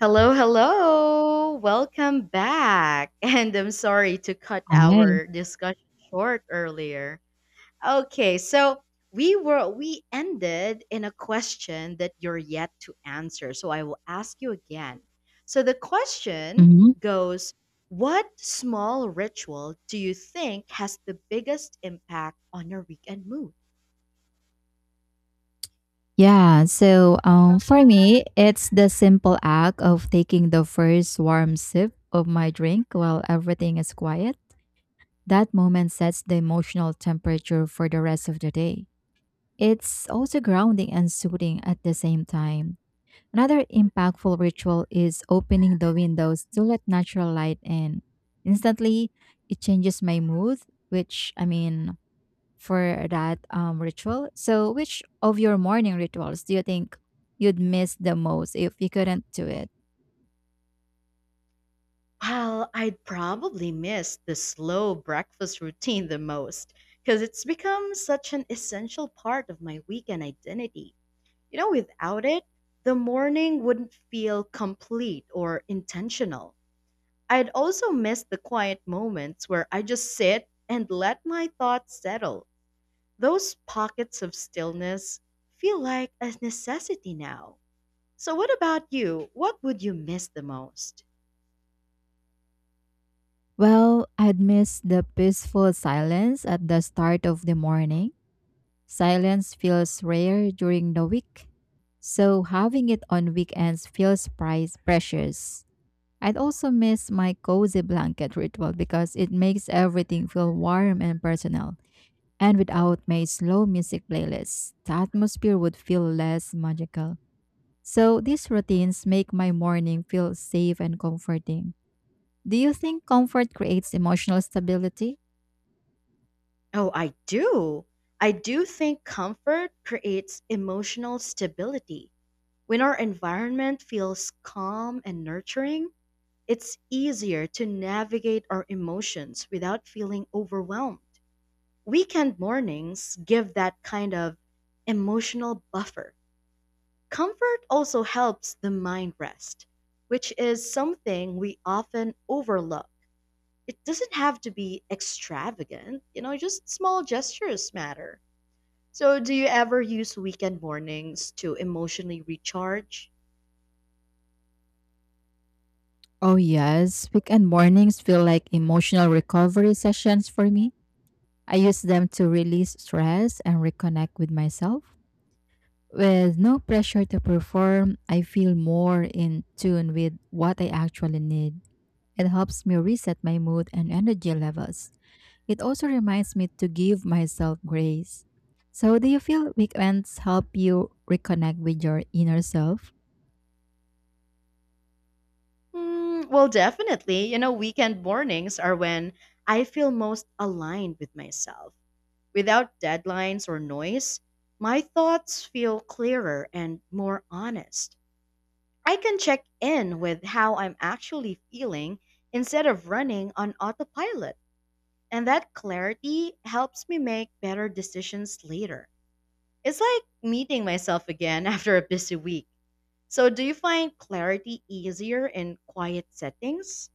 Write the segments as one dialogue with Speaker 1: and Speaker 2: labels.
Speaker 1: Hello, hello. Welcome back. And I'm sorry to cut
Speaker 2: Right.
Speaker 1: our discussion short earlier. Okay, so we ended in a question that you're yet to answer. So I will ask you again. So the question
Speaker 2: Mhm.
Speaker 1: goes, what small ritual do you think has the biggest impact on your weekend mood?
Speaker 2: Yeah. For me, it's the simple act of taking the first warm sip of my drink while everything is quiet. That moment sets the emotional temperature for the rest of the day. It's also grounding and soothing at the same time. Another impactful ritual is opening the windows to let natural light in. Instantly, it changes my mood, which, I mean, for that ritual. So, which of your morning rituals do you think you'd miss the most if you couldn't do it?
Speaker 1: Well, I'd probably miss the slow breakfast routine the most because it's become such an essential part of my weekend identity. You know, without it, the morning wouldn't feel complete or intentional. I'd also miss the quiet moments where I just sit and let my thoughts settle. Those pockets of stillness feel like a necessity now. So, what about you? What would you miss the most?
Speaker 2: Well, I'd miss the peaceful silence at the start of the morning. Silence feels rare during the week, so having it on weekends feels price precious. I'd also miss my cozy blanket ritual because it makes everything feel warm and personal. And without my slow music playlist, the atmosphere would feel less magical. So these routines make my morning feel safe and comforting. Do you think comfort creates emotional stability?
Speaker 1: Oh, I do. I do think comfort creates emotional stability. When our environment feels calm and nurturing, it's easier to navigate our emotions without feeling overwhelmed. Weekend mornings give that kind of emotional buffer. Comfort also helps the mind rest, which is something we often overlook. It doesn't have to be extravagant, you know, just small gestures matter. So, do you ever use weekend mornings to emotionally recharge?
Speaker 2: Oh, yes. Weekend mornings feel like emotional recovery sessions for me. I use them to release stress and reconnect with myself. With no pressure to perform, I feel more in tune with what I actually need. It helps me reset my mood and energy levels. It also reminds me to give myself grace. So, do you feel weekends help you reconnect with your inner self?
Speaker 1: Well, definitely. You know, weekend mornings are when I feel most aligned with myself. Without deadlines or noise, my thoughts feel clearer and more honest. I can check in with how I'm actually feeling instead of running on autopilot. And that clarity helps me make better decisions later. It's like meeting myself again after a busy week. So, do you find clarity easier in quiet settings?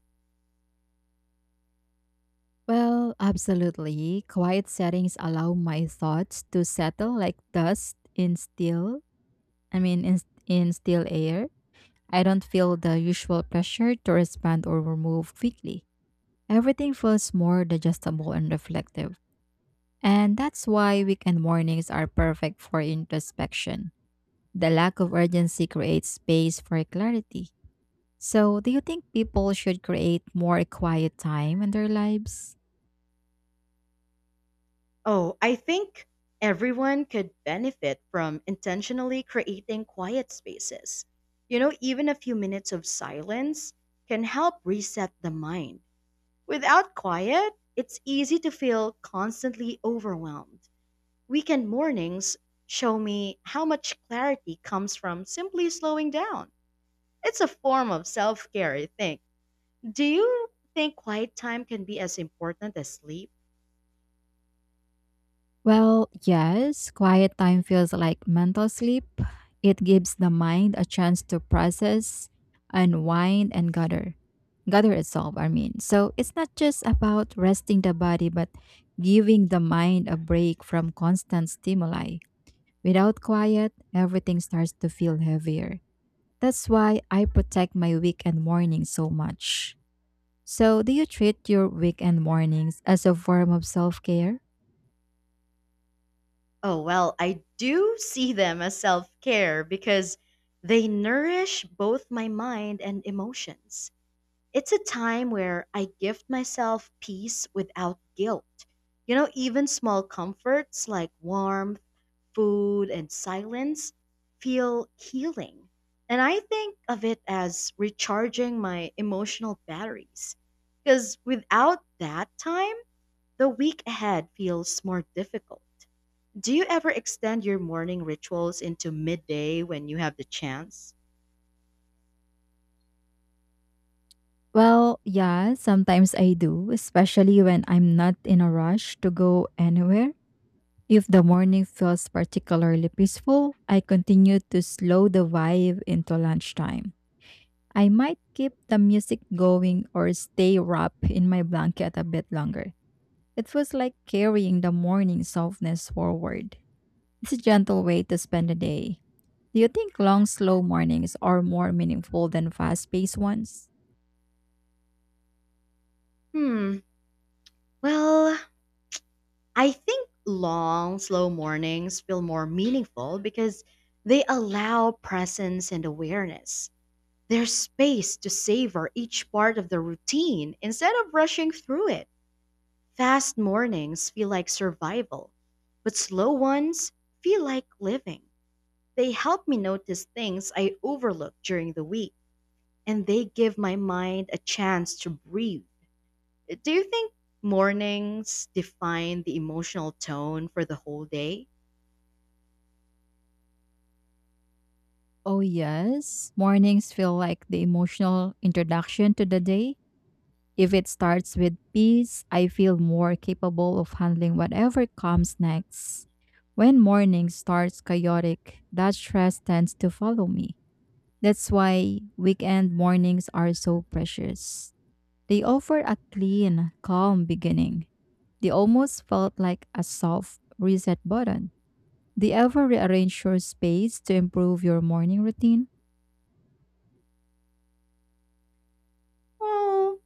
Speaker 2: Well, absolutely. Quiet settings allow my thoughts to settle like dust in I mean, in, in still air. I don't feel the usual pressure to respond or move quickly. Everything feels more digestible and reflective. And that's why weekend mornings are perfect for introspection. The lack of urgency creates space for clarity. So, do you think people should create more quiet time in their lives?
Speaker 1: Oh, I think everyone could benefit from intentionally creating quiet spaces. You know, even a few minutes of silence can help reset the mind. Without quiet, it's easy to feel constantly overwhelmed. Weekend mornings show me how much clarity comes from simply slowing down. It's a form of self care, I think. Do you think quiet time can be as important as sleep?
Speaker 2: Well, yes, quiet time feels like mental sleep. It gives the mind a chance to process, unwind, and gather. Gather itself, I mean. So, it's not just about resting the body, but giving the mind a break from constant stimuli. Without quiet, everything starts to feel heavier. That's why I protect my weekend mornings so much. So, do you treat your weekend mornings as a form of self care?
Speaker 1: Oh, well, I do see them as self care because they nourish both my mind and emotions. It's a time where I gift myself peace without guilt. You know, even small comforts like warmth, food, and silence feel healing. And I think of it as recharging my emotional batteries because without that time, the week ahead feels more difficult. Do you ever extend your morning rituals into midday when you have the chance?
Speaker 2: Well, yeah, sometimes I do, especially when I'm not in a rush to go anywhere. If the morning feels particularly peaceful, I continue to slow the vibe into lunchtime. I might keep the music going or stay wrapped in my blanket a bit longer. It feels like carrying the morning softness forward. It's a gentle way to spend a day. Do you think long, slow mornings are more meaningful than fast paced ones?
Speaker 1: Hmm. Well, I think long, slow mornings feel more meaningful because they allow presence and awareness. There's space to savor each part of the routine instead of rushing through it. Fast mornings feel like survival, but slow ones feel like living. They help me notice things I overlook during the week, and they give my mind a chance to breathe. Do you think mornings define the emotional tone for the whole day?
Speaker 2: Oh, yes. Mornings feel like the emotional introduction to the day. If it starts with peace, I feel more capable of handling whatever comes next. When morning starts chaotic, that stress tends to follow me. That's why weekend mornings are so precious. They offered a clean, calm beginning. They almost felt like a soft reset button. Do you ever rearrange your space to improve your morning routine?
Speaker 1: Well,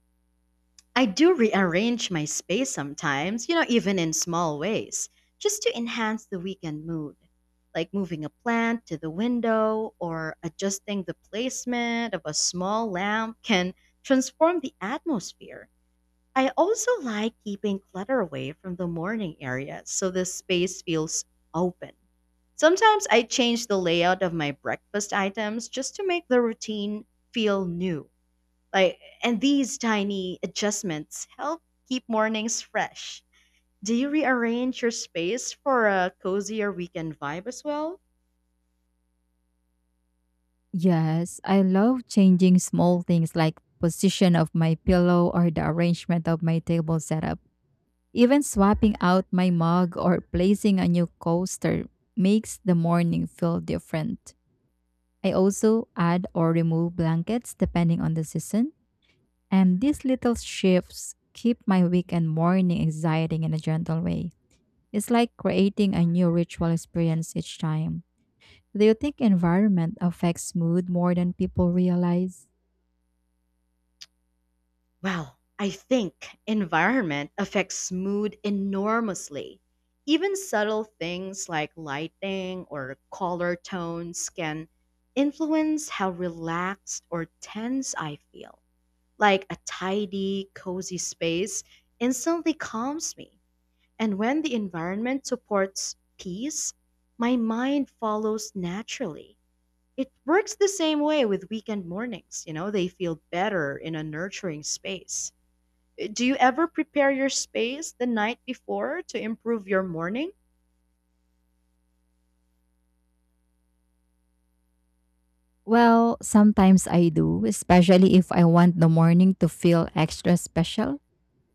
Speaker 1: I do rearrange my space sometimes, you know, even in small ways, just to enhance the weekend mood, like moving a plant to the window or adjusting the placement of a small lamp can transform the atmosphere. I also like keeping clutter away from the morning area so the space feels open. Sometimes I change the layout of my breakfast items just to make the routine feel new. Like and these tiny adjustments help keep mornings fresh. Do you rearrange your space for a cozier weekend vibe as well?
Speaker 2: Yes, I love changing small things like position of my pillow or the arrangement of my table setup. Even swapping out my mug or placing a new coaster makes the morning feel different. I also add or remove blankets depending on the season. And these little shifts keep my weekend morning exciting in a gentle way. It's like creating a new ritual experience each time. Do you think environment affects mood more than people realize?
Speaker 1: Well, I think environment affects mood enormously. Even subtle things like lighting or color tones can influence how relaxed or tense I feel. Like a tidy, cozy space instantly calms me. And when the environment supports peace, my mind follows naturally. It works the same way with weekend mornings, you know, they feel better in a nurturing space. Do you ever prepare your space the night before to improve your morning?
Speaker 2: Well, sometimes I do, especially if I want the morning to feel extra special.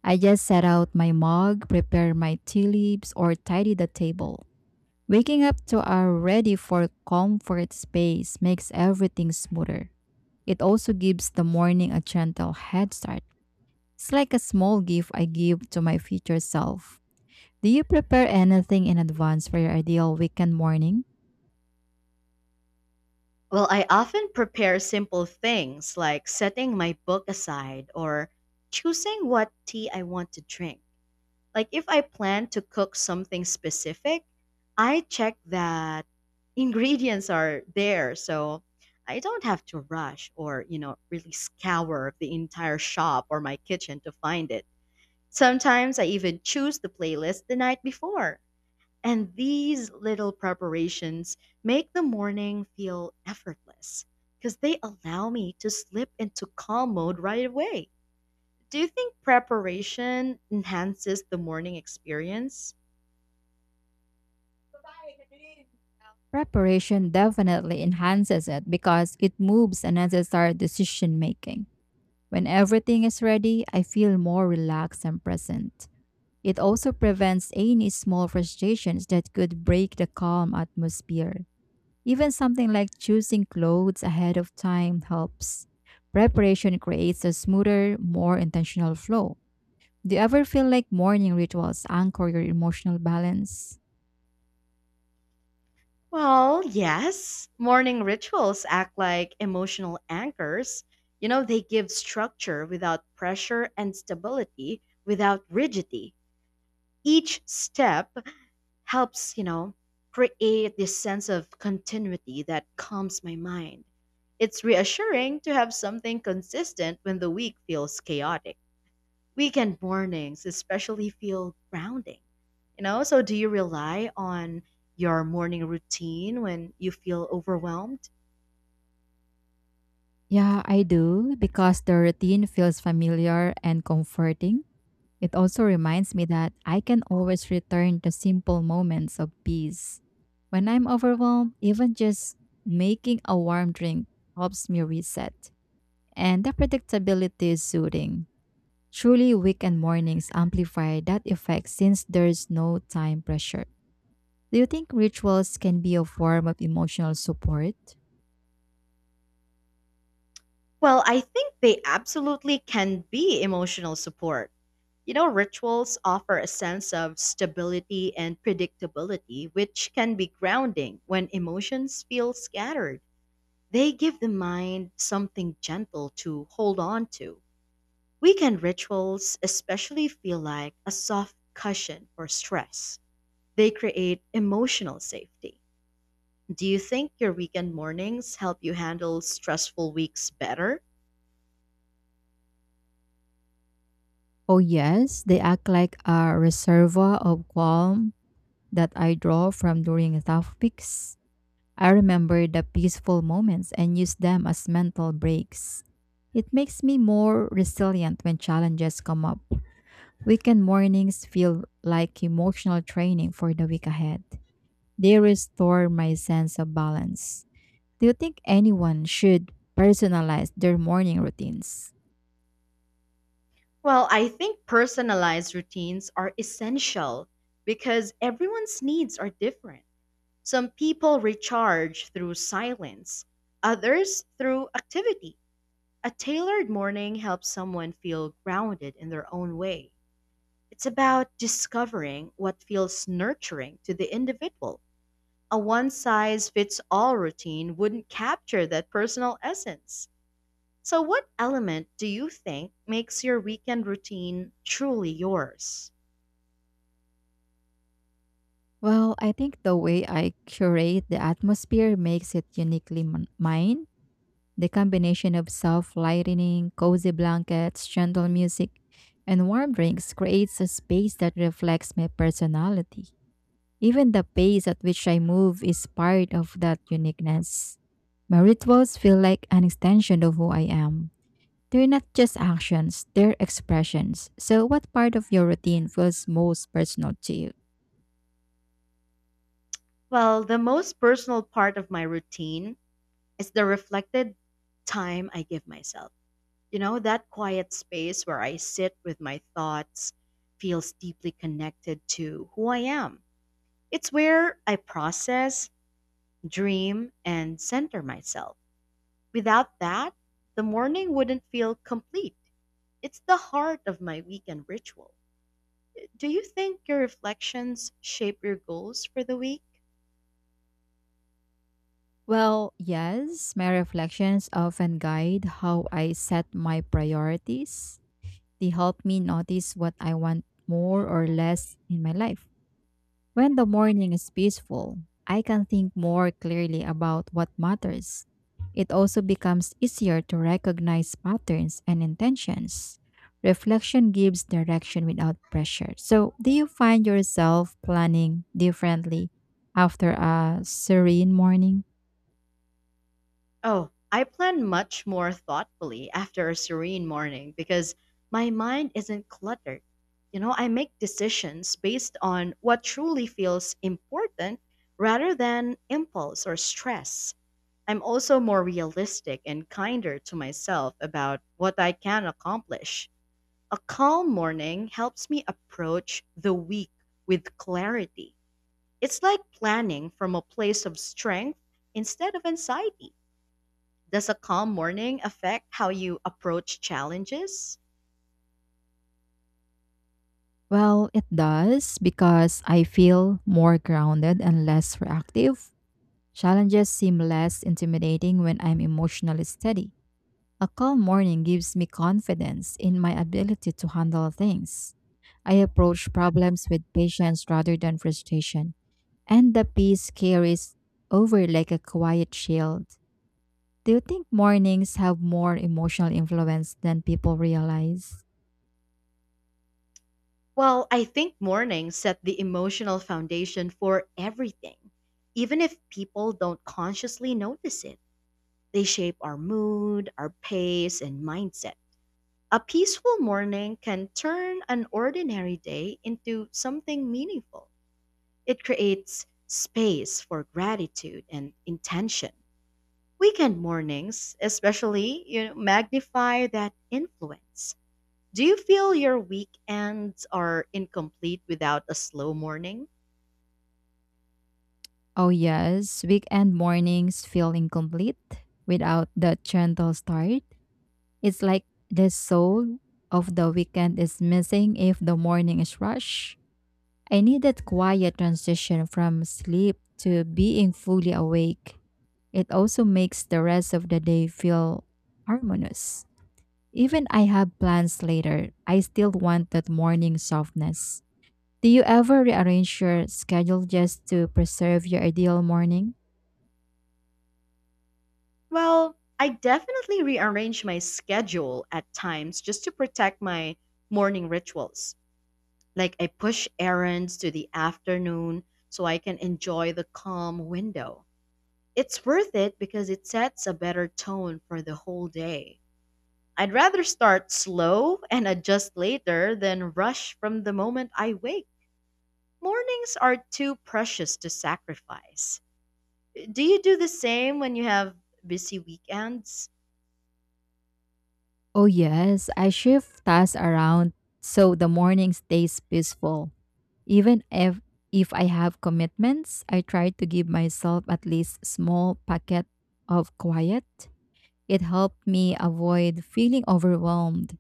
Speaker 2: I just set out my mug, prepare my tea leaves, or tidy the table. Waking up to our ready for comfort space makes everything smoother. It also gives the morning a gentle head start. It's like a small gift I give to my future self. Do you prepare anything in advance for your ideal weekend morning?
Speaker 1: Well, I often prepare simple things like setting my book aside or choosing what tea I want to drink. Like if I plan to cook something specific, I check that ingredients are there so I don't have to rush or, you know, really scour the entire shop or my kitchen to find it. Sometimes I even choose the playlist the night before. And these little preparations make the morning feel effortless because they allow me to slip into calm mode right away. Do you think preparation enhances the morning experience?
Speaker 2: Preparation definitely enhances it because it moves unnecessary decision making. When everything is ready, I feel more relaxed and present. It also prevents any small frustrations that could break the calm atmosphere. Even something like choosing clothes ahead of time helps. Preparation creates a smoother, more intentional flow. Do you ever feel like morning rituals anchor your emotional balance?
Speaker 1: Well, yes. Morning rituals act like emotional anchors. You know, they give structure without pressure and stability without rigidity. Each step helps, you know, create this sense of continuity that calms my mind. It's reassuring to have something consistent when the week feels chaotic. Weekend mornings especially feel grounding, you know? So do you rely on your morning routine when you feel overwhelmed?
Speaker 2: Yeah, I do, because the routine feels familiar and comforting. It also reminds me that I can always return to simple moments of peace. When I'm overwhelmed, even just making a warm drink helps me reset. And the predictability is soothing. Truly, weekend mornings amplify that effect since there's no time pressure. Do you think rituals can be a form of emotional support?
Speaker 1: Well, I think they absolutely can be emotional support. You know, rituals offer a sense of stability and predictability, which can be grounding when emotions feel scattered. They give the mind something gentle to hold on to. Weekend rituals especially feel like a soft cushion for stress. They create emotional safety. Do you think your weekend mornings help you handle stressful weeks better?
Speaker 2: Oh, yes, they act like a reservoir of calm that I draw from during tough weeks. I remember the peaceful moments and use them as mental breaks. It makes me more resilient when challenges come up. Weekend mornings feel like emotional training for the week ahead. They restore my sense of balance. Do you think anyone should personalize their morning routines?
Speaker 1: Well, I think personalized routines are essential because everyone's needs are different. Some people recharge through silence, others through activity. A tailored morning helps someone feel grounded in their own way. It's about discovering what feels nurturing to the individual. A one size fits all routine wouldn't capture that personal essence. So, what element do you think makes your weekend routine truly yours?
Speaker 2: Well, I think the way I curate the atmosphere makes it uniquely mine. The combination of soft lighting, cozy blankets, gentle music, and warm drinks creates a space that reflects my personality. Even the pace at which I move is part of that uniqueness. My rituals feel like an extension of who I am. They're not just actions, they're expressions. So, what part of your routine feels most personal to you?
Speaker 1: Well, the most personal part of my routine is the reflected time I give myself. You know, that quiet space where I sit with my thoughts feels deeply connected to who I am. It's where I process, dream, and center myself. Without that, the morning wouldn't feel complete. It's the heart of my weekend ritual. Do you think your reflections shape your goals for the week?
Speaker 2: Well, yes, my reflections often guide how I set my priorities. They help me notice what I want more or less in my life. When the morning is peaceful, I can think more clearly about what matters. It also becomes easier to recognize patterns and intentions. Reflection gives direction without pressure. So, do you find yourself planning differently after a serene morning?
Speaker 1: Oh, I plan much more thoughtfully after a serene morning because my mind isn't cluttered. You know, I make decisions based on what truly feels important rather than impulse or stress. I'm also more realistic and kinder to myself about what I can accomplish. A calm morning helps me approach the week with clarity. It's like planning from a place of strength instead of anxiety. Does a calm morning affect how you approach challenges?
Speaker 2: Well, it does because I feel more grounded and less reactive. Challenges seem less intimidating when I'm emotionally steady. A calm morning gives me confidence in my ability to handle things. I approach problems with patience rather than frustration, and the peace carries over like a quiet shield. Do you think mornings have more emotional influence than people realize?
Speaker 1: Well, I think mornings set the emotional foundation for everything. Even if people don't consciously notice it, they shape our mood, our pace, and mindset. A peaceful morning can turn an ordinary day into something meaningful. It creates space for gratitude and intention. Weekend mornings, especially, you know, magnify that influence. Do you feel your weekends are incomplete without a slow morning?
Speaker 2: Oh, yes, weekend mornings feel incomplete without that gentle start. It's like the soul of the weekend is missing if the morning is rushed. I need that quiet transition from sleep to being fully awake. It also makes the rest of the day feel harmonious. Even I have plans later, I still want that morning softness. Do you ever rearrange your schedule just to preserve your ideal morning?
Speaker 1: Well, I definitely rearrange my schedule at times just to protect my morning rituals. Like I push errands to the afternoon so I can enjoy the calm window. It's worth it because it sets a better tone for the whole day. I'd rather start slow and adjust later than rush from the moment I wake. Mornings are too precious to sacrifice. Do you do the same when you have busy weekends?
Speaker 2: Oh, yes, I shift tasks around so the morning stays peaceful. Even if I have commitments, I try to give myself at least small packet of quiet. It helped me avoid feeling overwhelmed.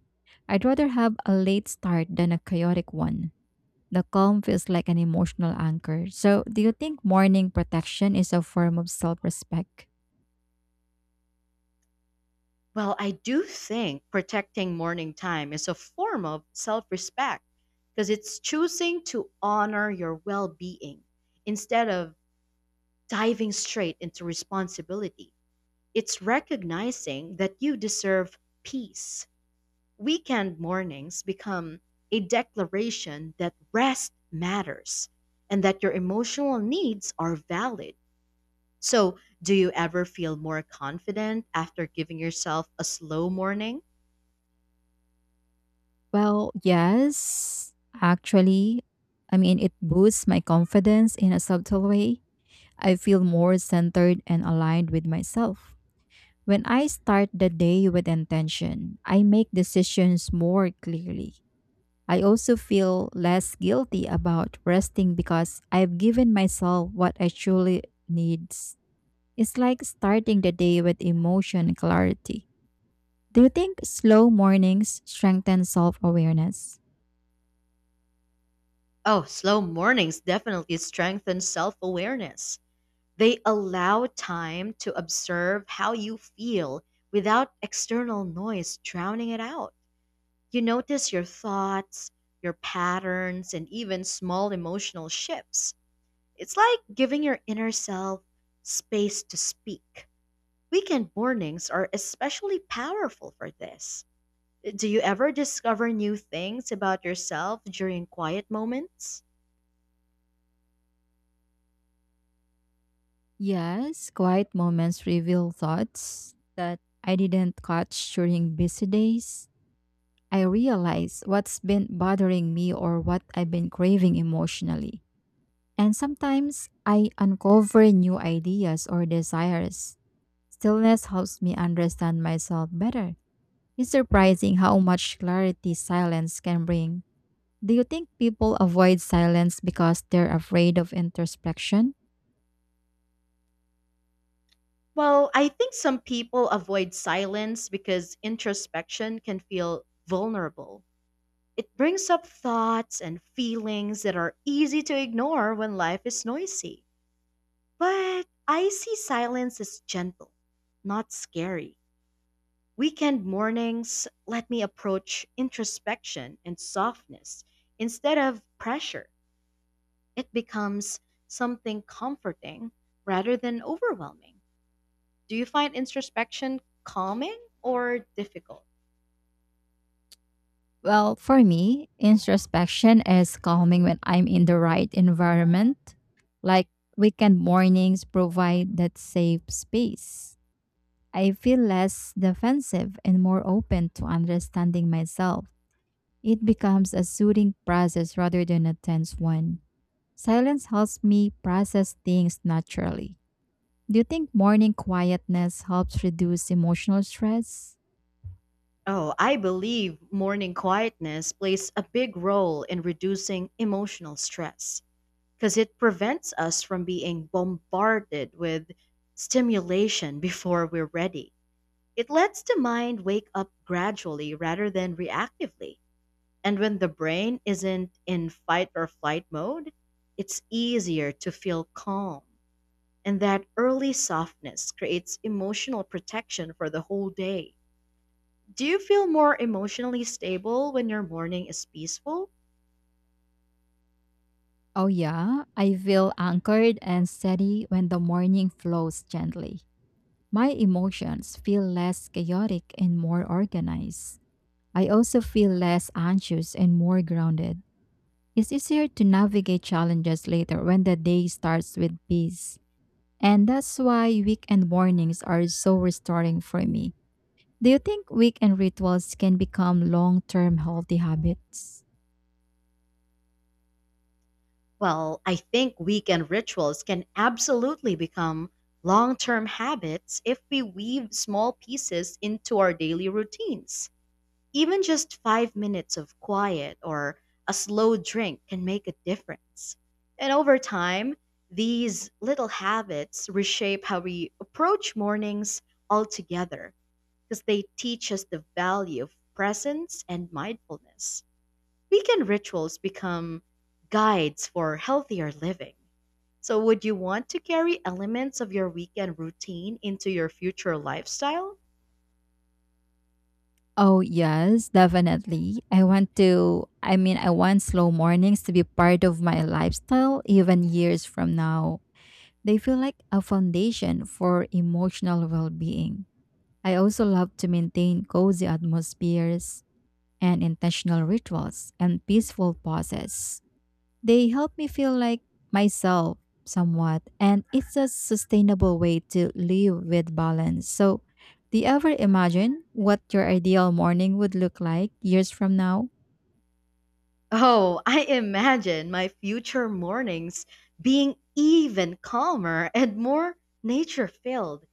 Speaker 2: I'd rather have a late start than a chaotic one. The calm feels like an emotional anchor. So, do you think morning protection is a form of self-respect?
Speaker 1: Well, I do think protecting morning time is a form of self respect because it's choosing to honor your well being instead of diving straight into responsibility. It's recognizing that you deserve peace. Weekend mornings become a declaration that rest matters and that your emotional needs are valid. So, do you ever feel more confident after giving yourself a slow morning?
Speaker 2: Well, yes, actually. I mean, it boosts my confidence in a subtle way. I feel more centered and aligned with myself. When I start the day with intention, I make decisions more clearly. I also feel less guilty about resting because I've given myself what I truly needs. It's like starting the day with emotion clarity. Do you think slow mornings strengthen self-awareness?
Speaker 1: Oh, slow mornings definitely strengthen self awareness. They allow time to observe how you feel without external noise drowning it out. You notice your thoughts, your patterns, and even small emotional shifts. It's like giving your inner self space to speak. Weekend mornings are especially powerful for this. Do you ever discover new things about yourself during quiet moments?
Speaker 2: Yes, quiet moments reveal thoughts that I didn't catch during busy days. I realize what's been bothering me or what I've been craving emotionally. And sometimes I uncover new ideas or desires. Stillness helps me understand myself better. It's surprising how much clarity silence can bring. Do you think people avoid silence because they're afraid of introspection?
Speaker 1: Well, I think some people avoid silence because introspection can feel vulnerable. It brings up thoughts and feelings that are easy to ignore when life is noisy. But I see silence as gentle, not scary. Weekend mornings let me approach introspection and softness instead of pressure. It becomes something comforting rather than overwhelming. Do you find introspection calming or difficult?
Speaker 2: Well, for me, introspection is calming when I'm in the right environment. Like weekend mornings provide that safe space. I feel less defensive and more open to understanding myself. It becomes a soothing process rather than a tense one. Silence helps me process things naturally. Do you think morning quietness helps reduce emotional stress?
Speaker 1: Oh, I believe morning quietness plays a big role in reducing emotional stress because it prevents us from being bombarded with stimulation before we're ready. It lets the mind wake up gradually rather than reactively. And when the brain isn't in fight or flight mode, it's easier to feel calm. And that early softness creates emotional protection for the whole day. Do you feel more emotionally stable when your morning is peaceful?
Speaker 2: Oh, yeah, I feel anchored and steady when the morning flows gently. My emotions feel less chaotic and more organized. I also feel less anxious and more grounded. It's easier to navigate challenges later when the day starts with peace. And that's why weekend mornings are so restoring for me. Do you think weekend rituals can become long term healthy habits?
Speaker 1: Well, I think weekend rituals can absolutely become long term habits if we weave small pieces into our daily routines. Even just 5 minutes of quiet or a slow drink can make a difference. And over time, these little habits reshape how we approach mornings altogether because they teach us the value of presence and mindfulness. Weekend rituals become guides for healthier living. So, would you want to carry elements of your weekend routine into your future lifestyle?
Speaker 2: Oh, yes, definitely. I want slow mornings to be part of my lifestyle even years from now. They feel like a foundation for emotional well being. I also love to maintain cozy atmospheres and intentional rituals and peaceful pauses. They help me feel like myself somewhat, and it's a sustainable way to live with balance. So, do you ever imagine what your ideal morning would look like years from now?
Speaker 1: Oh, I imagine my future mornings being even calmer and more nature filled.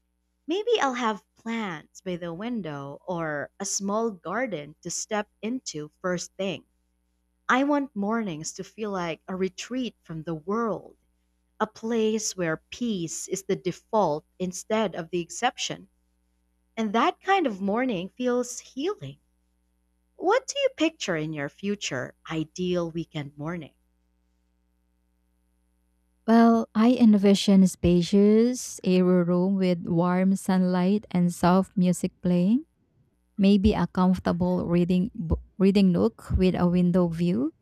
Speaker 1: Maybe I'll have plants by the window or a small garden to step into first thing. I want mornings to feel like a retreat from the world, a place where peace is the default instead of the exception. And that kind of morning feels healing. What do you picture in your future ideal weekend morning?
Speaker 2: Well, I envision a spacious, airy room with warm sunlight and soft music playing. Maybe a comfortable reading nook with a window view.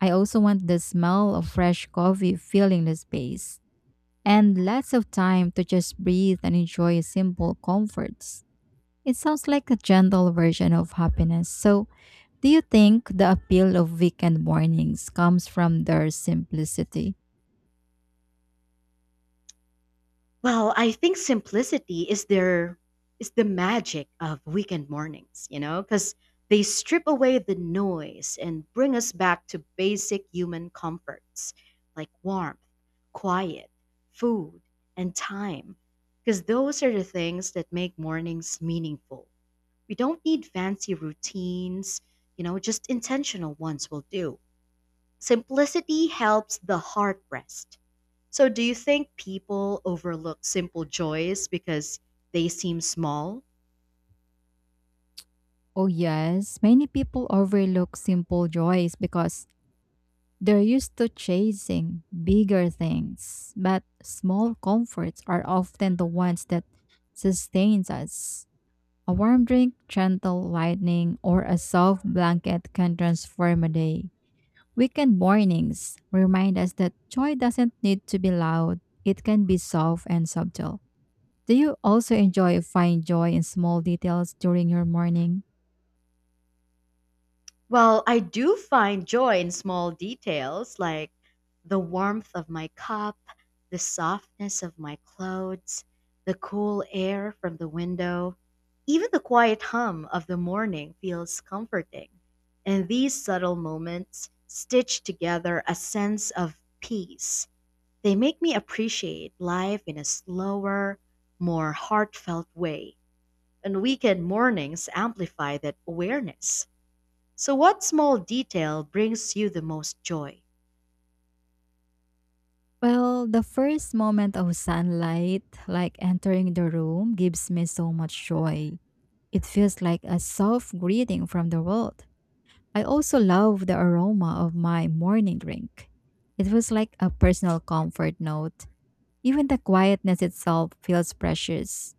Speaker 2: I also want the smell of fresh coffee filling the space and lots of time to just breathe and enjoy simple comforts. It sounds like a gentle version of happiness. So, do you think the appeal of weekend mornings comes from their simplicity?
Speaker 1: Well, I think simplicity is their is the magic of weekend mornings, you know, because they strip away the noise and bring us back to basic human comforts like warmth, quiet, food, and time. Because those are the things that make mornings meaningful. We don't need fancy routines, you know, just intentional ones will do. Simplicity helps the heart rest, so do you think people overlook simple joys because they seem small?
Speaker 2: Oh, yes, many people overlook simple joys because they're used to chasing bigger things, but small comforts are often the ones that sustains us. A warm drink, gentle lightning, or a soft blanket can transform a day. Weekend mornings remind us that joy doesn't need to be loud, it can be soft and subtle. Do you also enjoy find joy in small details during your morning?
Speaker 1: Well, I do find joy in small details like the warmth of my cup, the softness of my clothes, the cool air from the window. Even the quiet hum of the morning feels comforting. And these subtle moments stitch together a sense of peace. They make me appreciate life in a slower, more heartfelt way. And weekend mornings amplify that awareness. So, what small detail brings you the most joy?
Speaker 2: Well, the first moment of sunlight, like entering the room, gives me so much joy. It feels like a soft greeting from the world. I also love the aroma of my morning drink. It was like a personal comfort note. Even the quietness itself feels precious.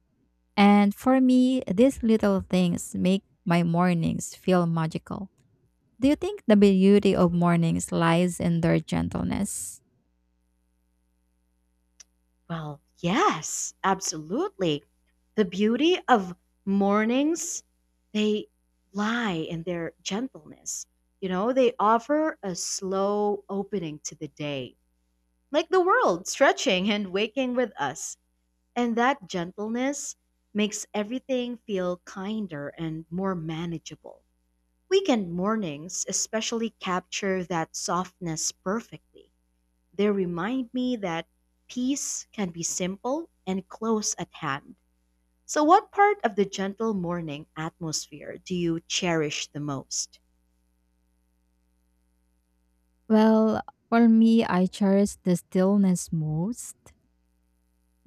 Speaker 2: And for me, these little things make my mornings feel magical. Do you think the beauty of mornings lies in their gentleness?
Speaker 1: Well, yes, absolutely. The beauty of mornings, they lie in their gentleness. You know, they offer a slow opening to the day, like the world stretching and waking with us. And that gentleness makes everything feel kinder and more manageable. Weekend mornings especially capture that softness perfectly. They remind me that peace can be simple and close at hand. So, what part of the gentle morning atmosphere do you cherish the most?
Speaker 2: Well, for me, I cherish the stillness most.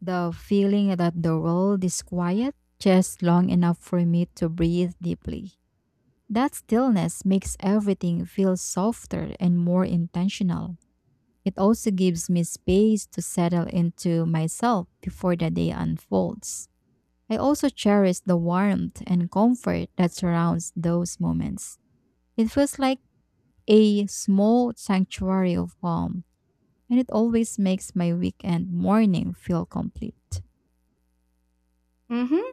Speaker 2: The feeling that the world is quiet just long enough for me to breathe deeply. That stillness makes everything feel softer and more intentional. It also gives me space to settle into myself before the day unfolds. I also cherish the warmth and comfort that surrounds those moments. It feels like a small sanctuary of calm, and it always makes my weekend morning feel complete.
Speaker 1: Mm hmm.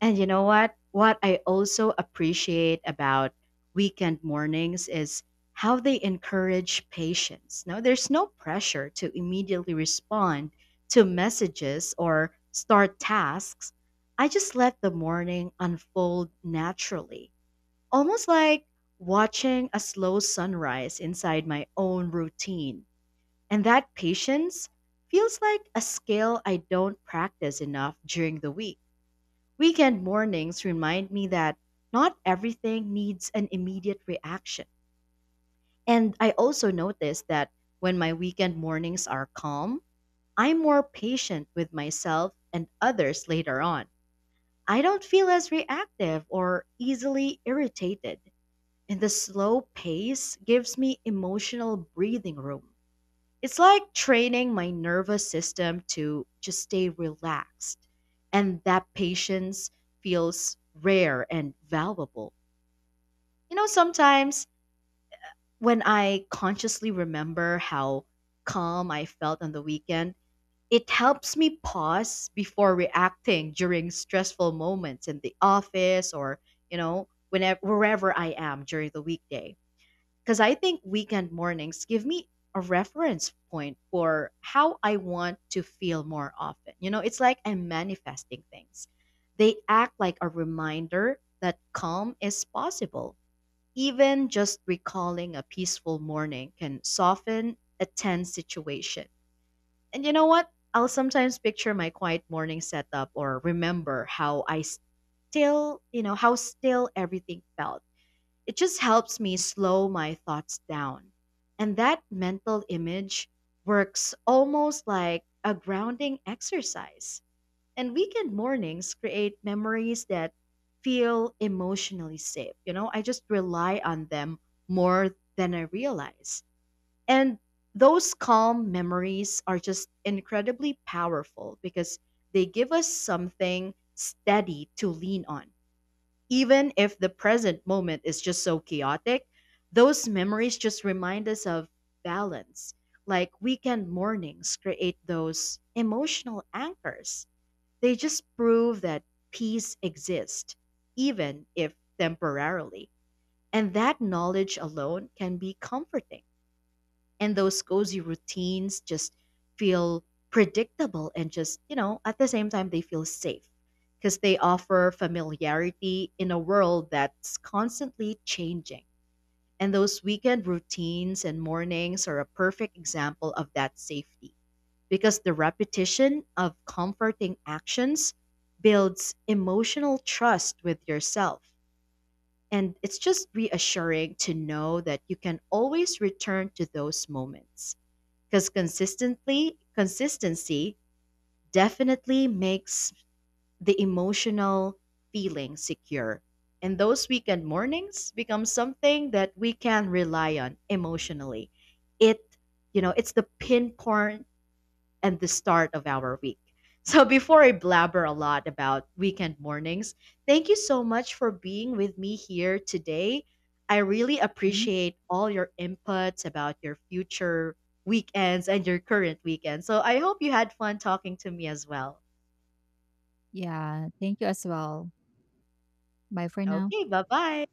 Speaker 1: And you know what? What I also appreciate about weekend mornings is how they encourage patience. Now, there's no pressure to immediately respond to messages or start tasks. I just let the morning unfold naturally, almost like watching a slow sunrise inside my own routine. And that patience feels like a skill I don't practice enough during the week. Weekend mornings remind me that not everything needs an immediate reaction. And I also notice that when my weekend mornings are calm, I'm more patient with myself and others later on. I don't feel as reactive or easily irritated, and the slow pace gives me emotional breathing room. It's like training my nervous system to just stay relaxed. And that patience feels rare and valuable. You know, sometimes when I consciously remember how calm I felt on the weekend, it helps me pause before reacting during stressful moments in the office or, you know, whenever wherever I am during the weekday. Because I think weekend mornings give me a reference point for how I want to feel more often. You know, it's like I'm manifesting things. They act like a reminder that calm is possible. Even just recalling a peaceful morning can soften a tense situation. And you know what? I'll sometimes picture my quiet morning setup or remember how I still, you know, how still everything felt, it just helps me slow my thoughts down. And that mental image works almost like a grounding exercise. And weekend mornings create memories that feel emotionally safe. You know, I just rely on them more than I realize. And those calm memories are just incredibly powerful because they give us something steady to lean on, even if the present moment is just so chaotic, those memories just remind us of balance. Like weekend mornings create those emotional anchors. They just prove that peace exists, even if temporarily. And that knowledge alone can be comforting, and those cozy routines just feel predictable and, just you know, at the same time they feel safe because they offer familiarity in a world that's constantly changing, and those weekend routines and mornings are a perfect example of that safety because the repetition of comforting actions builds emotional trust with yourself, and it's just reassuring to know that you can always return to those moments because consistently consistency definitely makes the emotional feeling secure, and those weekend mornings become something that we can rely on emotionally. It, you know, it's the pinpoint and the start of our week. So, before I blabber a lot about weekend mornings, thank you so much for being with me here today. I really
Speaker 2: Mhm.
Speaker 1: appreciate all your inputs about your future weekends and your current weekend. So, I hope you had fun talking to me as well.
Speaker 2: Yeah, thank you as well. Bye for now.
Speaker 1: Okay, bye bye.